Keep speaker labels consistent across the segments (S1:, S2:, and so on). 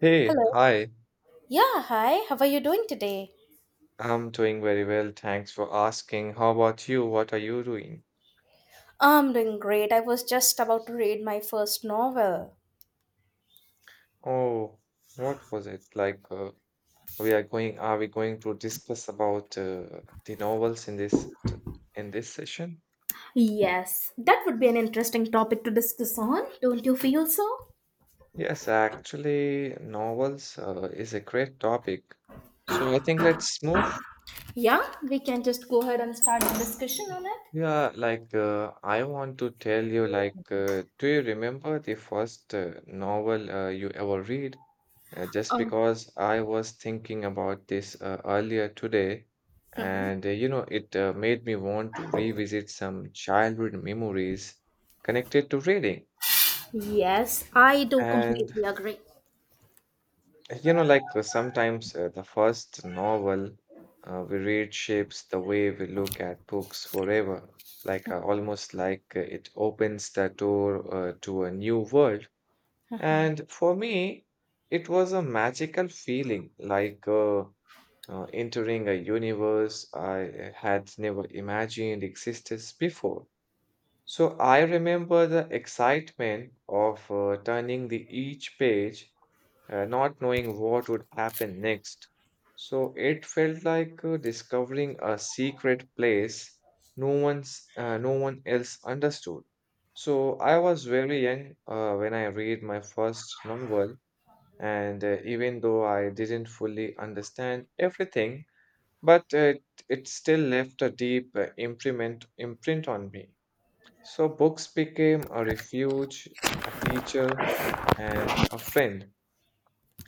S1: Hey,
S2: Hello.
S1: hi.
S2: Yeah, hi. How are you doing today?
S1: I'm doing very well, thanks for asking. How about you? What are you doing?
S2: I'm doing great. I was just about to read my first novel.
S1: Oh, what was it like? Are we going to discuss about the novels in this session?
S2: Yes, that would be an interesting topic to discuss on. Don't you feel so?
S1: Yes, actually, novels is a great topic. So I think let's move.
S2: Yeah, we can just go ahead and start the discussion on it.
S1: Yeah, I want to tell you, do you remember the first novel you ever read? Just
S2: Oh,
S1: because I was thinking about this earlier today, and you know, it made me want to revisit some childhood memories connected to reading.
S2: yes, I do
S1: And
S2: completely agree.
S1: You know, like Sometimes the first novel we read shapes the way we look at books forever. Like almost like It opens the door to a new world. And for me, it was a magical feeling, entering a universe I had never imagined existed before. So I remember the excitement of turning the each page, not knowing what would happen next. So it felt like discovering a secret place no one else understood. So I was very young when I read my first novel, and even though I didn't fully understand everything, but it, it still left a deep imprint on me. So books became a refuge, a teacher, and a friend.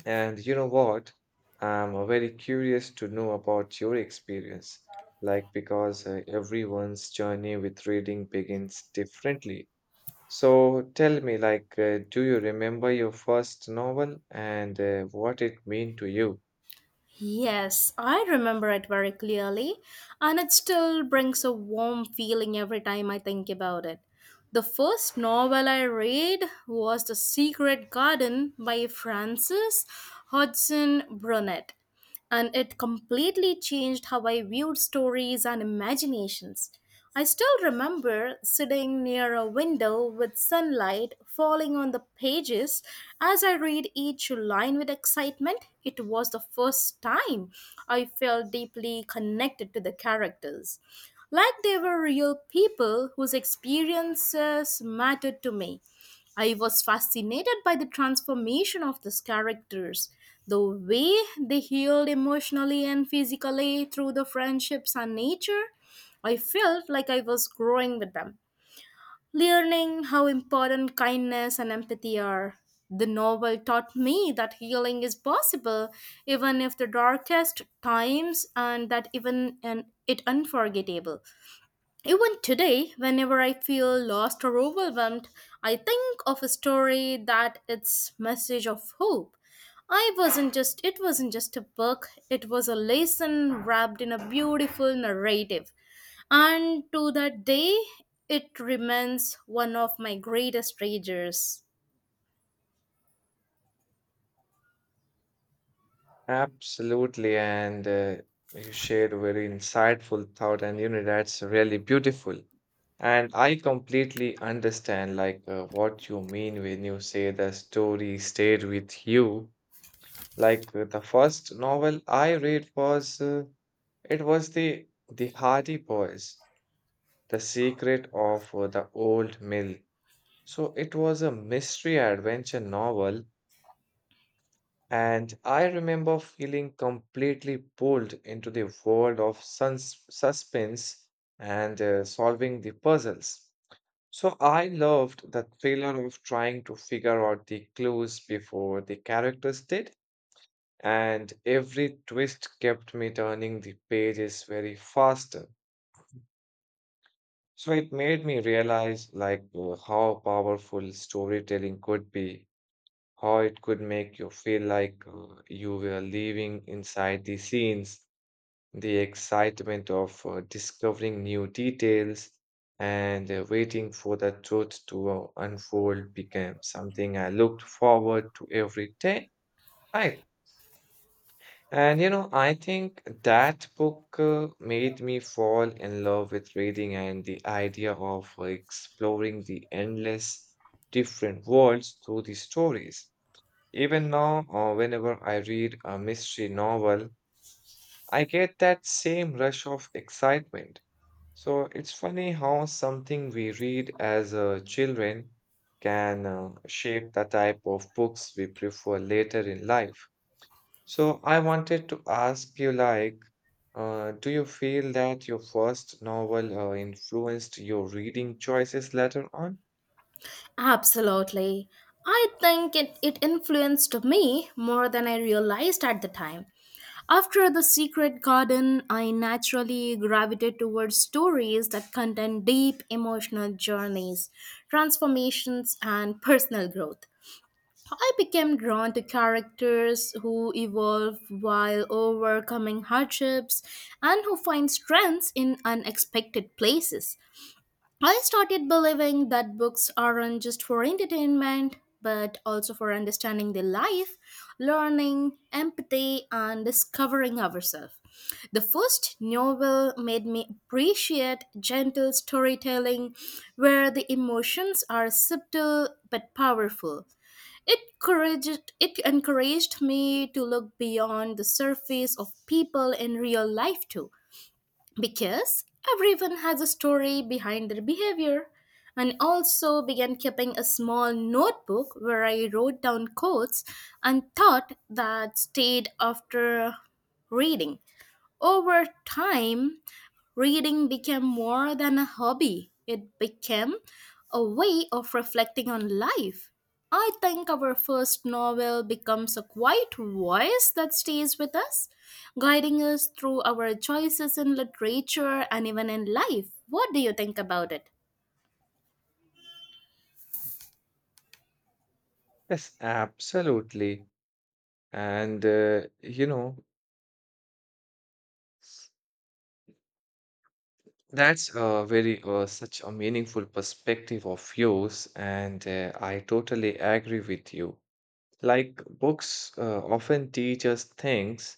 S1: And you know what? I'm very curious to know about your experience, because everyone's journey with reading begins differently. So tell me, do you remember your first novel and what it meant to you?
S2: Yes, I remember it very clearly, and it still brings a warm feeling every time I think about it. The first novel I read was The Secret Garden by Frances Hodgson Burnett, and it completely changed how I viewed stories and imaginations. I still remember sitting near a window with sunlight falling on the pages as I read each line with excitement. It was the first time I felt deeply connected to the characters, like they were real people whose experiences mattered to me. I was fascinated by the transformation of these characters, the way they healed emotionally and physically through the friendships and nature. I felt like I was growing with them, learning how important kindness and empathy are. The novel taught me that healing is possible even if the darkest times and that even and it unforgettable. Even today, whenever I feel lost or overwhelmed, I think of a story that its message of hope. I wasn't just it wasn't just a book, it was a lesson wrapped in a beautiful narrative. And to that day, it remains one of my greatest treasures.
S1: Absolutely, and you shared a very insightful thought, and you know that's really beautiful. And I completely understand, what you mean when you say the story stayed with you. The first novel I read was it was the Hardy Boys, The Secret of the Old Mill. So it was a mystery adventure novel, and I remember feeling completely pulled into the world of suns suspense and solving the puzzles. So I loved the thriller of trying to figure out the clues before the characters did, and every twist kept me turning the pages very faster. So it made me realize how powerful storytelling could be, how it could make you feel like you were living inside the scenes. The excitement of discovering new details and waiting for the truth to unfold became something I looked forward to every day, right? And you know, I think that book made me fall in love with reading and the idea of exploring the endless different worlds through the stories. Even now, whenever I read a mystery novel, I get that same rush of excitement. So it's funny how something we read as children can shape the type of books we prefer later in life. So I wanted to ask you, do you feel that your first novel influenced your reading choices later on?
S2: Absolutely. I think it influenced me more than I realized at the time. After The Secret Garden, I naturally gravitated towards stories that contain deep emotional journeys, transformations, and personal growth. I became drawn to characters who evolve while overcoming hardships and who find strengths in unexpected places. I started believing that books aren't just for entertainment, but also for understanding the life, learning, empathy, and discovering ourselves. The first novel made me appreciate gentle storytelling where the emotions are subtle but powerful. It encouraged me to look beyond the surface of people in real life too because everyone has a story behind their behavior. And also began keeping a small notebook where I wrote down quotes and thought that stayed after reading. Over time, reading became more than a hobby, it became a way of reflecting on life. I think our first novel becomes a quiet voice that stays with us, guiding us through our choices in literature and even in life. What do you think about it?
S1: Yes, absolutely. And you know, that's a very such a meaningful perspective of yours, and I totally agree with you. Like books often teach us things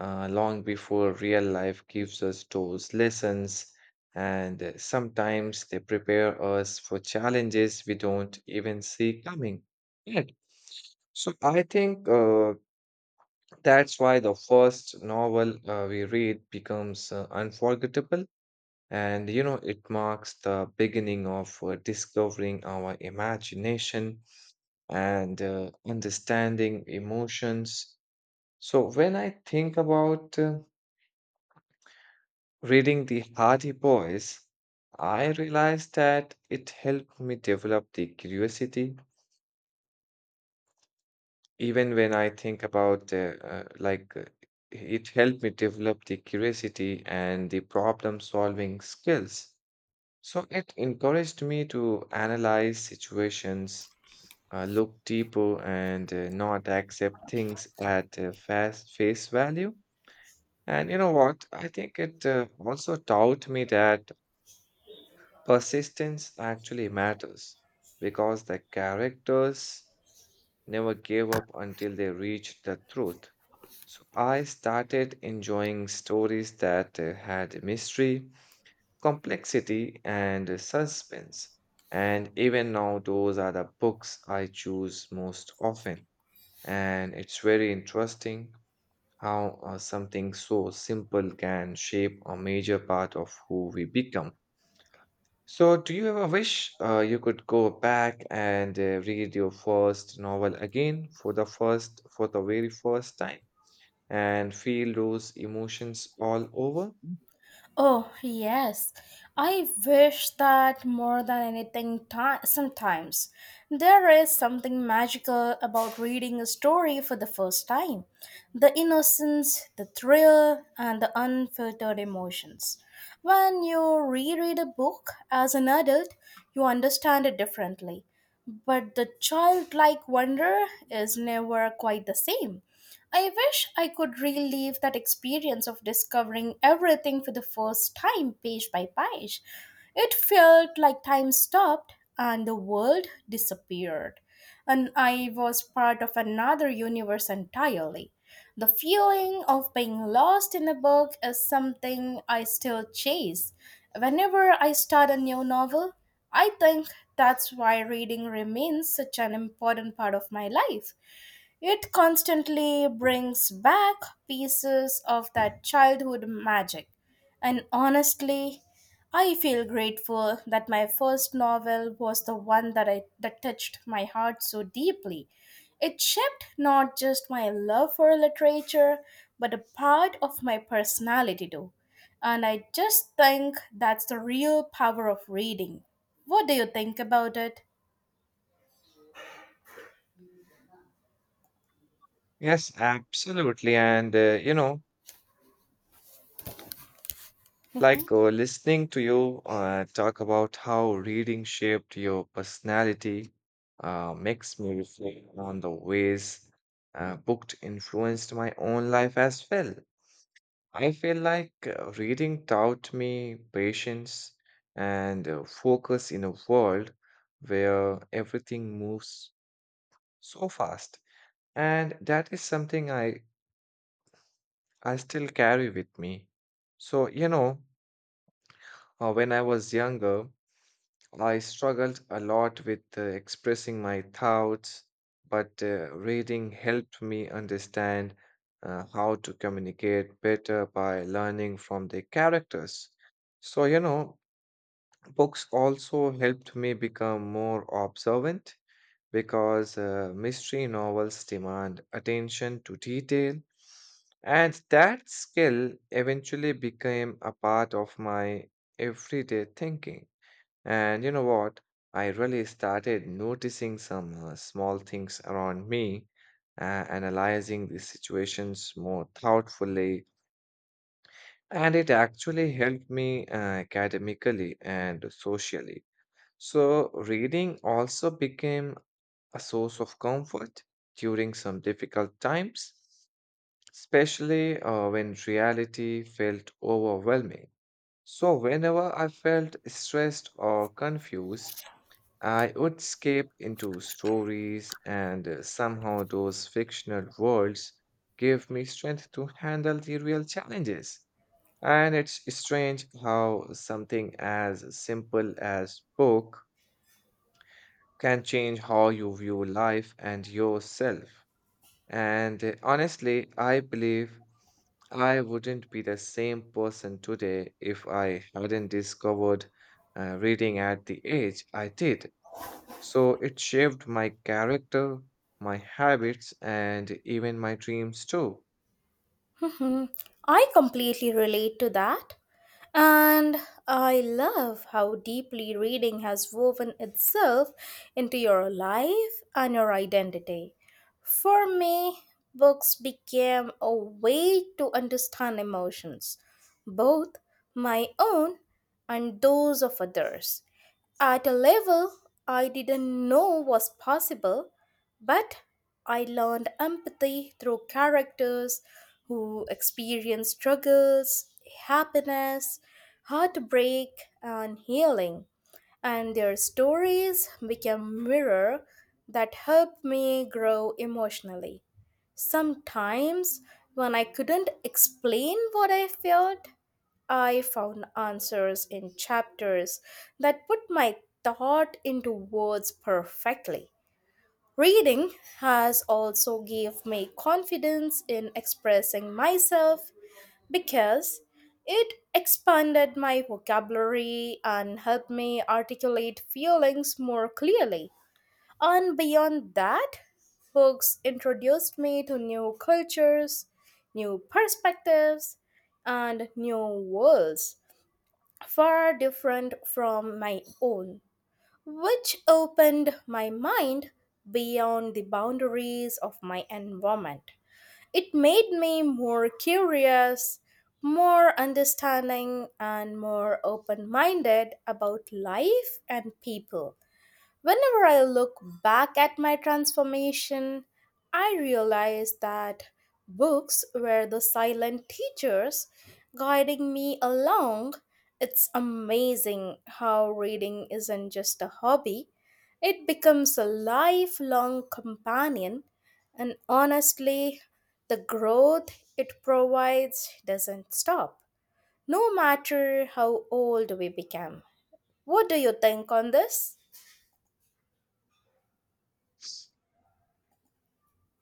S1: long before real life gives us those lessons, and sometimes they prepare us for challenges we don't even see coming yet. So I think that's why the first novel we read becomes unforgettable, and you know, it marks the beginning of discovering our imagination and understanding emotions. So when I think about reading the Hardy Boys, I realize that it helped me develop the curiosity. Even when I think about, like, It helped me develop the curiosity and the problem solving skills. So it encouraged me to analyze situations, look deeper, and not accept things at fast face value. And you know what? I think it also taught me that persistence actually matters because the characters never gave up until they reached the truth. So I started enjoying stories that had mystery, complexity and suspense. And even now, those are the books I choose most often. And it's very interesting how something so simple can shape a major part of who we become. So, do you ever wish you could go back and read your first novel again for the first, for the very first time, and feel those emotions all over?
S2: Oh, yes. I wish that more than anything ti sometimes. There is something magical about reading a story for the first time. The innocence, the thrill, and the unfiltered emotions. When you reread a book as an adult, you understand it differently. But the childlike wonder is never quite the same. I wish I could relive that experience of discovering everything for the first time, page by page. It felt like time stopped and the world disappeared, and I was part of another universe entirely. The feeling of being lost in a book is something I still chase. Whenever I start a new novel, I think that's why reading remains such an important part of my life. It constantly brings back pieces of that childhood magic. And honestly, I feel grateful that my first novel was the one that touched my heart so deeply. It shaped not just my love for literature, but a part of my personality too. And I just think that's the real power of reading. What do you think about it?
S1: Yes, absolutely. And, you know, like listening to you talk about how reading shaped your personality makes me reflect on the ways booked influenced my own life as well. I feel like reading taught me patience and focus in a world where everything moves so fast. And that is something I still carry with me. So, you know, when I was younger, I struggled a lot with expressing my thoughts, but reading helped me understand how to communicate better by learning from the characters. So, you know, books also helped me become more observant because mystery novels demand attention to detail. And that skill eventually became a part of my everyday thinking. And you know what? I really started noticing some small things around me, uh, analyzing the situations more thoughtfully, and it actually helped me academically and socially. So reading also became a source of comfort during some difficult times, especially when reality felt overwhelming. So whenever I felt stressed or confused, I would skip into stories, and somehow those fictional worlds give me strength to handle the real challenges. And it's strange how something as simple as book can change how you view life and yourself. And honestly, I believe I wouldn't be the same person today if I hadn't discovered reading at the age I did. So it shaped my character, my habits, and even my dreams too.
S2: Mhm. I completely relate to that. And I love how deeply reading has woven itself into your life and your identity. For me, books became a way to understand emotions, both my own and those of others, at a level I didn't know was possible but I learned empathy through characters who experience struggles, happiness, heartbreak, and healing, and their stories became mirror that helped me grow emotionally. Sometimes, when I couldn't explain what I felt, I found answers in chapters that put my thought into words perfectly. Reading has also give me confidence in expressing myself because it expanded my vocabulary and helped me articulate feelings more clearly. And beyond that, books introduced me to new cultures, new perspectives, and new worlds far different from my own which opened my mind beyond the boundaries of my environment. It made me more curious, more understanding, and more open minded about life and people. Whenever I look back at my transformation, I realize that books were the silent teachers guiding me along. It's amazing how reading isn't just a hobby, it becomes a lifelong companion, and honestly, the growth it provides doesn't stop, no matter how old we become. What do you think on this?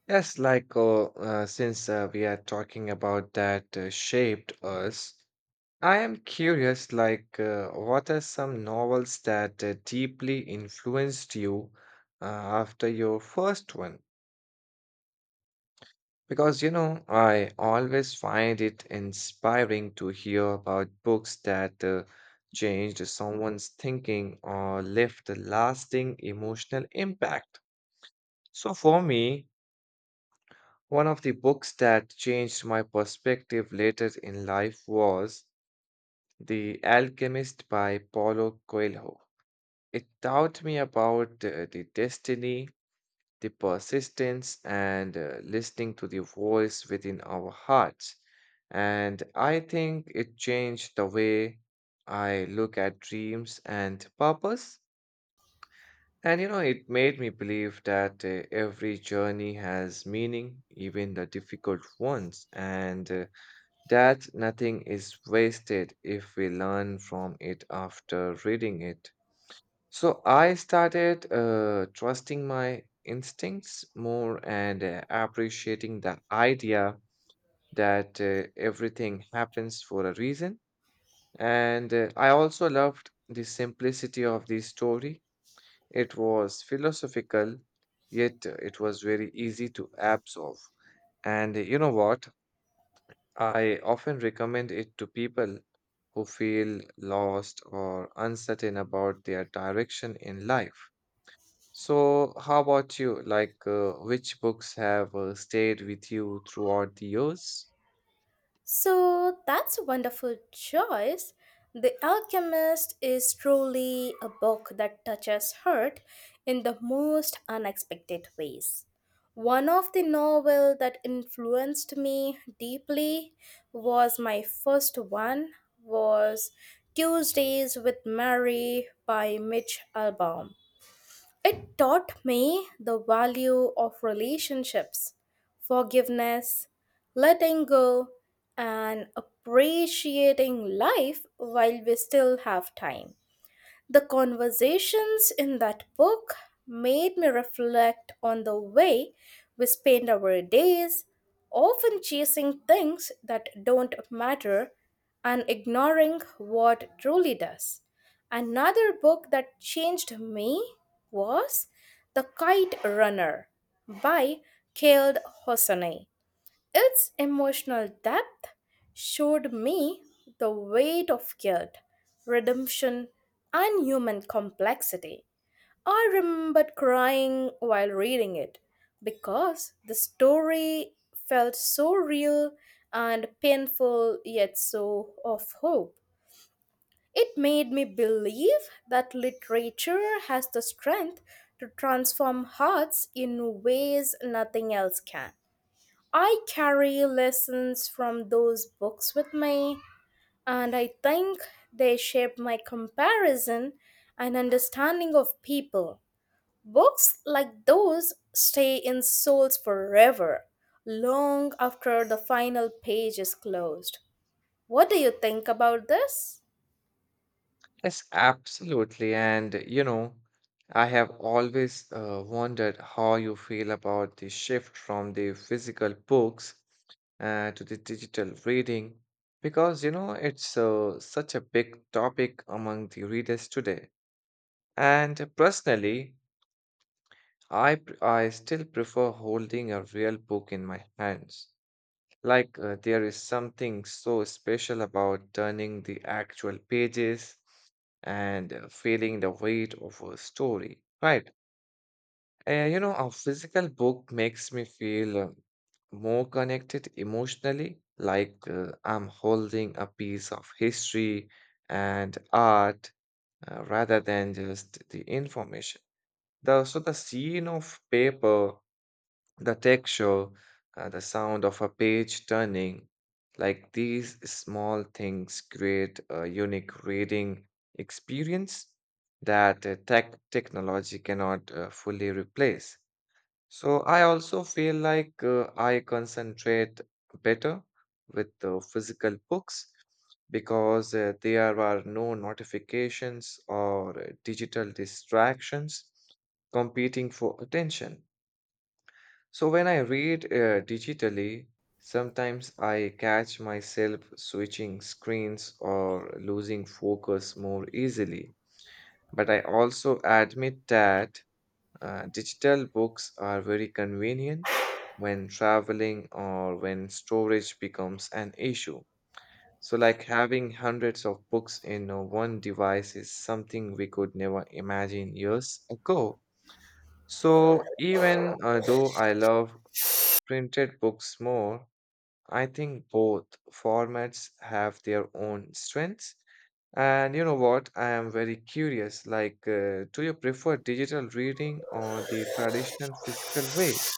S1: Yes, like since we are talking about that shaped us, I am curious what are some novels that deeply influenced you after your first one? Because, you know, I always find it inspiring to hear about books that changed someone's thinking or left a lasting emotional impact. So, for me, one of the books that changed my perspective later in life was The Alchemist by Paulo Coelho. It taught me about the destiny, the persistence and listening to the voice within our hearts. And I think it changed the way I look at dreams and purpose. And you know, it made me believe that every journey has meaning, even the difficult ones, and that nothing is wasted if we learn from it after reading it. So I started trusting my instincts more and appreciating the idea that everything happens for a reason. And I also loved the simplicity of the story. It was philosophical, yet it was very easy to absorb. And you know what? I often recommend it to people who feel lost or uncertain about their direction in life. So, how about you? Which books have stayed with you throughout the years?
S2: So that's a wonderful choice. The Alchemist is truly a book that touches heart in the most unexpected ways. One of the novels that influenced me deeply was my first one was Tuesdays with Mary by Mitch Albom. It taught me the value of relationships, forgiveness, letting go, and appreciating life while we still have time. The conversations in that book made me reflect on the way we spend our days, often chasing things that don't matter and ignoring what truly does. Another book that changed me was The Kite Runner by Khaled Hosseini. Its emotional depth showed me the weight of guilt, redemption, and human complexity. I remembered crying while reading it because the story felt so real and painful, yet so of hope. It made me believe that literature has the strength to transform hearts in ways nothing else can. I carry lessons from those books with me, and I think they shape my comparison and understanding of people. Books like those stay in souls forever, long after the final page is closed. What do you think about this?
S1: Yes, absolutely. And you know, I have always wondered how you feel about the shift from the physical books to the digital reading, because you know, it's such a big topic among the readers today. And personally, I still prefer holding a real book in my hands. There is something so special about turning the actual pages and feeling the weight of a story, right? You know, a physical book makes me feel more connected emotionally, like I'm holding a piece of history and art rather than just the information. The scene of paper, the texture, the sound of a page turning, like these small things create a unique reading experience that technology cannot fully replace. So I also feel like I concentrate better with the physical books because there are no notifications or digital distractions competing for attention. So when I read digitally, sometimes I catch myself switching screens or losing focus more easily. But I also admit that digital books are very convenient when traveling or when storage becomes an issue. So, like having hundreds of books in one device is something we could never imagine years ago. So even though I love printed books more, I think both formats have their own strengths. And you know what? I am very curious. Do you prefer digital reading or the traditional physical way?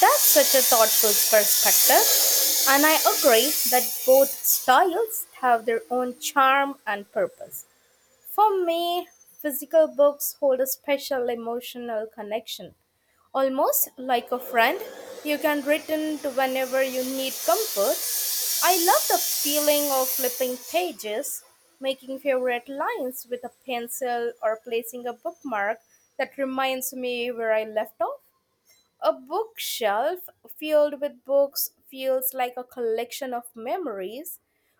S2: That's such a thoughtful perspective, and I agree that both styles have their own charm and purpose. For me, physical books hold a special emotional connection, almost like a friend you can return to whenever you need comfort. I love the feeling of flipping pages, making favorite lines with a pencil, or placing a bookmark that reminds me where I left off. A bookshelf filled with books feels like a collection of memories,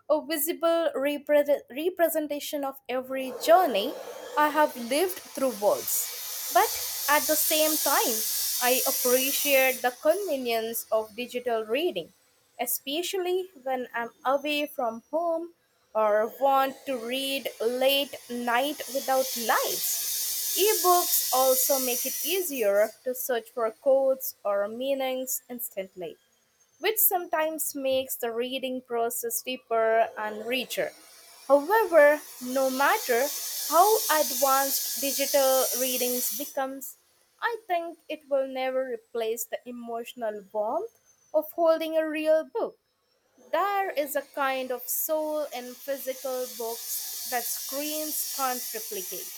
S2: a visible representation of every journey I have lived through words. But at the same time, I appreciate the convenience of digital reading, especially when I'm away from home or want to read late night without lights. Ebooks also make it easier to search for codes or meanings instantly, which sometimes makes the reading process deeper and richer. However, no matter how advanced digital readings becomes, I think it will never replace the emotional warmth of holding a real book. There is a kind of soul in physical books that screens can't replicate.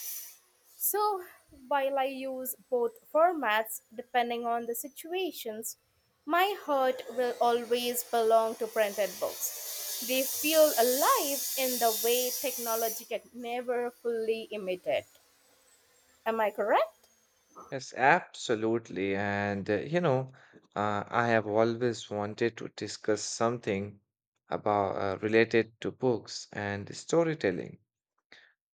S2: So, while I use both formats depending on the situations, my heart will always belong to printed books. They feel alive in the way technology can never fully imitate. Am I correct?
S1: Yes, absolutely. And you know, I have always wanted to discuss something about related to books and storytelling.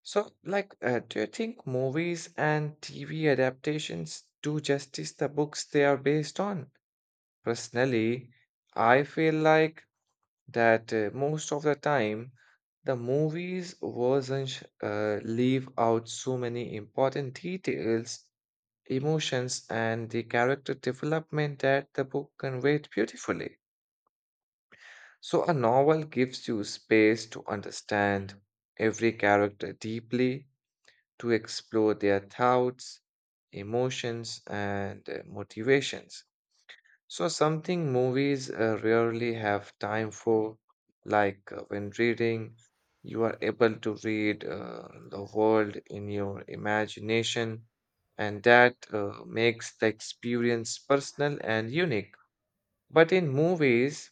S1: So, do you think movies and TV adaptations do justice the books they are based on? Personally, I feel like that most of the time, the movies versions leave out so many important details, emotions, and the character development that the book conveyed beautifully. So, a novel gives you space to understand every character deeply to explore their thoughts, emotions, and motivations. So, something movies rarely have time for, when reading, you are able to read the world in your imagination, and that makes the experience personal and unique. But in movies,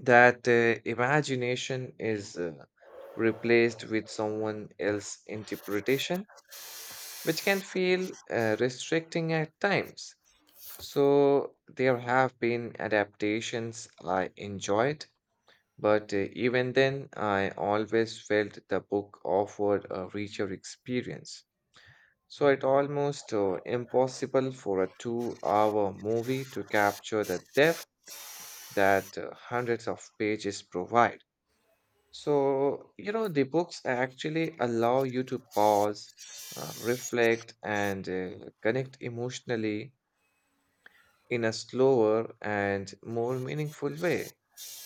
S1: that imagination is replaced with someone else's interpretation which can feel restricting at times. So there have been adaptations I enjoyed, but even then, I always felt the book offered a richer experience. So it almost impossible for a two-hour movie to capture the depth that hundreds of pages provide. So, you know, the books actually allow you to pause, reflect, and connect emotionally in a slower and more meaningful way.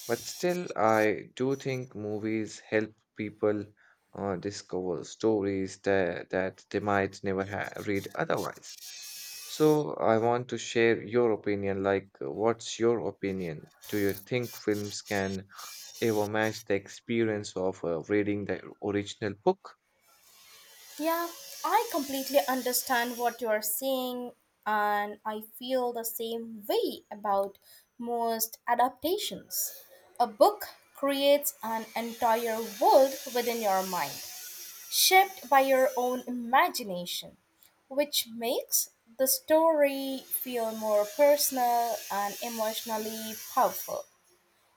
S1: But still, I do think movies help people discover stories that they might never ha read otherwise. So, I want to share your opinion. What's your opinion? Do you think films can ever match the experience of reading the original book.
S2: Yeah, I completely understand what you're saying, and I feel the same way about most adaptations. A book creates an entire world within your mind, shaped by your own imagination, which makes the story feel more personal and emotionally powerful.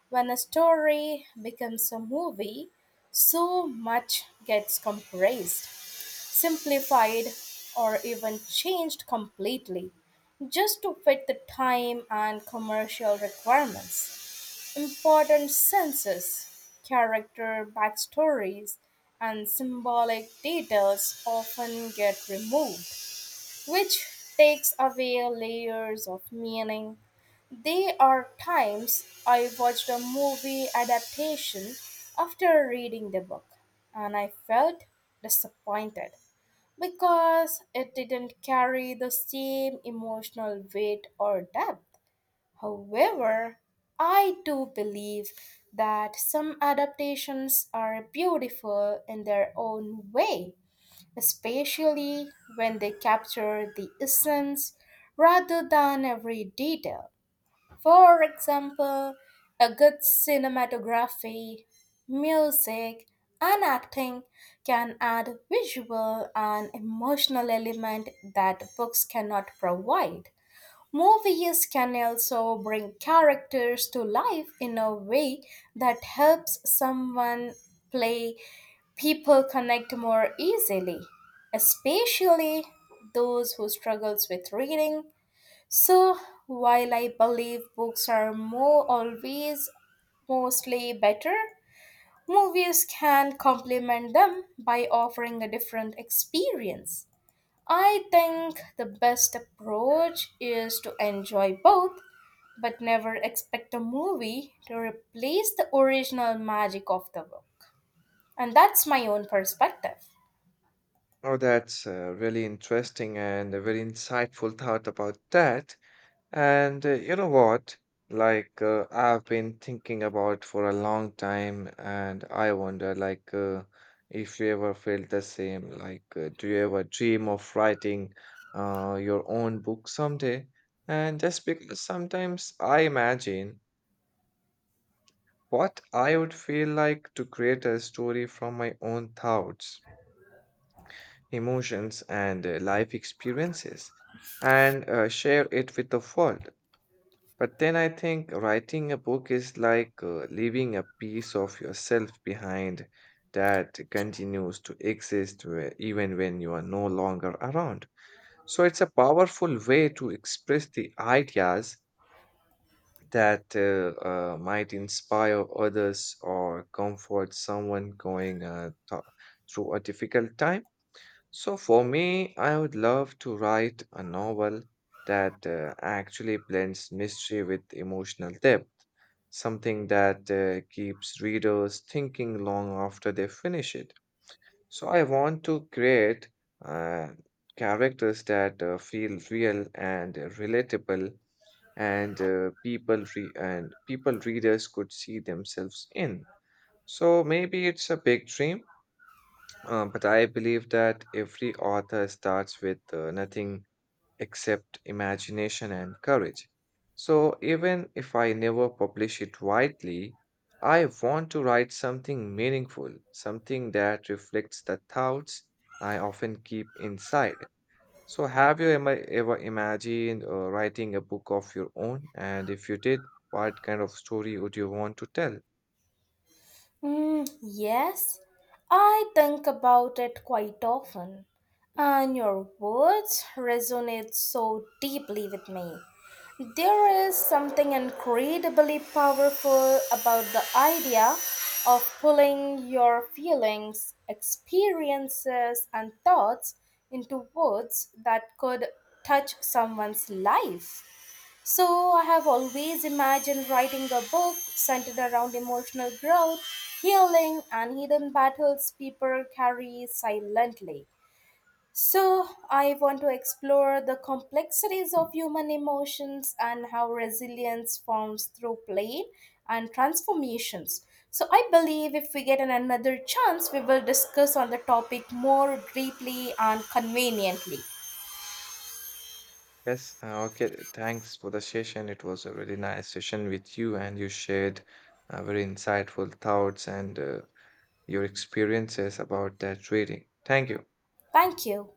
S2: When a story becomes a movie, so much gets compressed, simplified, or even changed completely just to fit the time and commercial requirements. Important senses, character backstories, and symbolic details often get removed, which takes away layers of meaning. There are times I watched a movie adaptation after reading the book, and I felt disappointed because it didn't carry the same emotional weight or depth. However, I do believe that some adaptations are beautiful in their own way, especially when they capture the essence rather than every detail. For example, a good cinematography, music, and acting can add visual and emotional element that books cannot provide. Movies can also bring characters to life in a way that helps someone play people connect more easily, especially those who struggles with reading. So while I believe books are more always mostly better, movies can complement them by offering a different experience. I think the best approach is to enjoy both, but never expect a movie to replace the original magic of the book. And that's my own perspective.
S1: Oh, that's really interesting and a very insightful thought about that. And you know what? I've been thinking about for a long time, and I wonder, if you ever felt the same. Do you ever dream of writing your own book someday? And just because sometimes I imagine what I would feel like to create a story from my own thoughts, emotions, and life experiences and share it with the world. But then I think writing a book is like leaving a piece of yourself behind that continues to exist even when you are no longer around. So it's a powerful way to express the ideas that might inspire others or comfort someone going through a difficult time. So, for me, I would love to write a novel that actually blends mystery with emotional depth, something that keeps readers thinking long after they finish it. So I want to create uh, characters that feel real and relatable, and and people readers could see themselves in. So maybe it's a big dream, but I believe that every author starts with nothing except imagination and courage. So even if I never publish it widely, I want to write something meaningful, something that reflects the thoughts I often keep inside. So have you ever imagined writing a book of your own? And if you did, what kind of story would you want to tell?
S2: Yes, I think about it quite often, and your words resonate so deeply with me. There is something incredibly powerful about the idea of pulling your feelings, experiences, and thoughts into words that could touch someone's life. So, I have always imagined writing a book centered around emotional growth, healing, and hidden battles people carry silently. So, I want to explore the complexities of human emotions and how resilience forms through pain and transformations. So, I believe if we get another chance, we will discuss on the topic more deeply and conveniently.
S1: Yes, okay. Thanks for the session. It was a really nice session with you, and you shared very insightful thoughts and your experiences about that reading. Thank you.
S2: Thank you.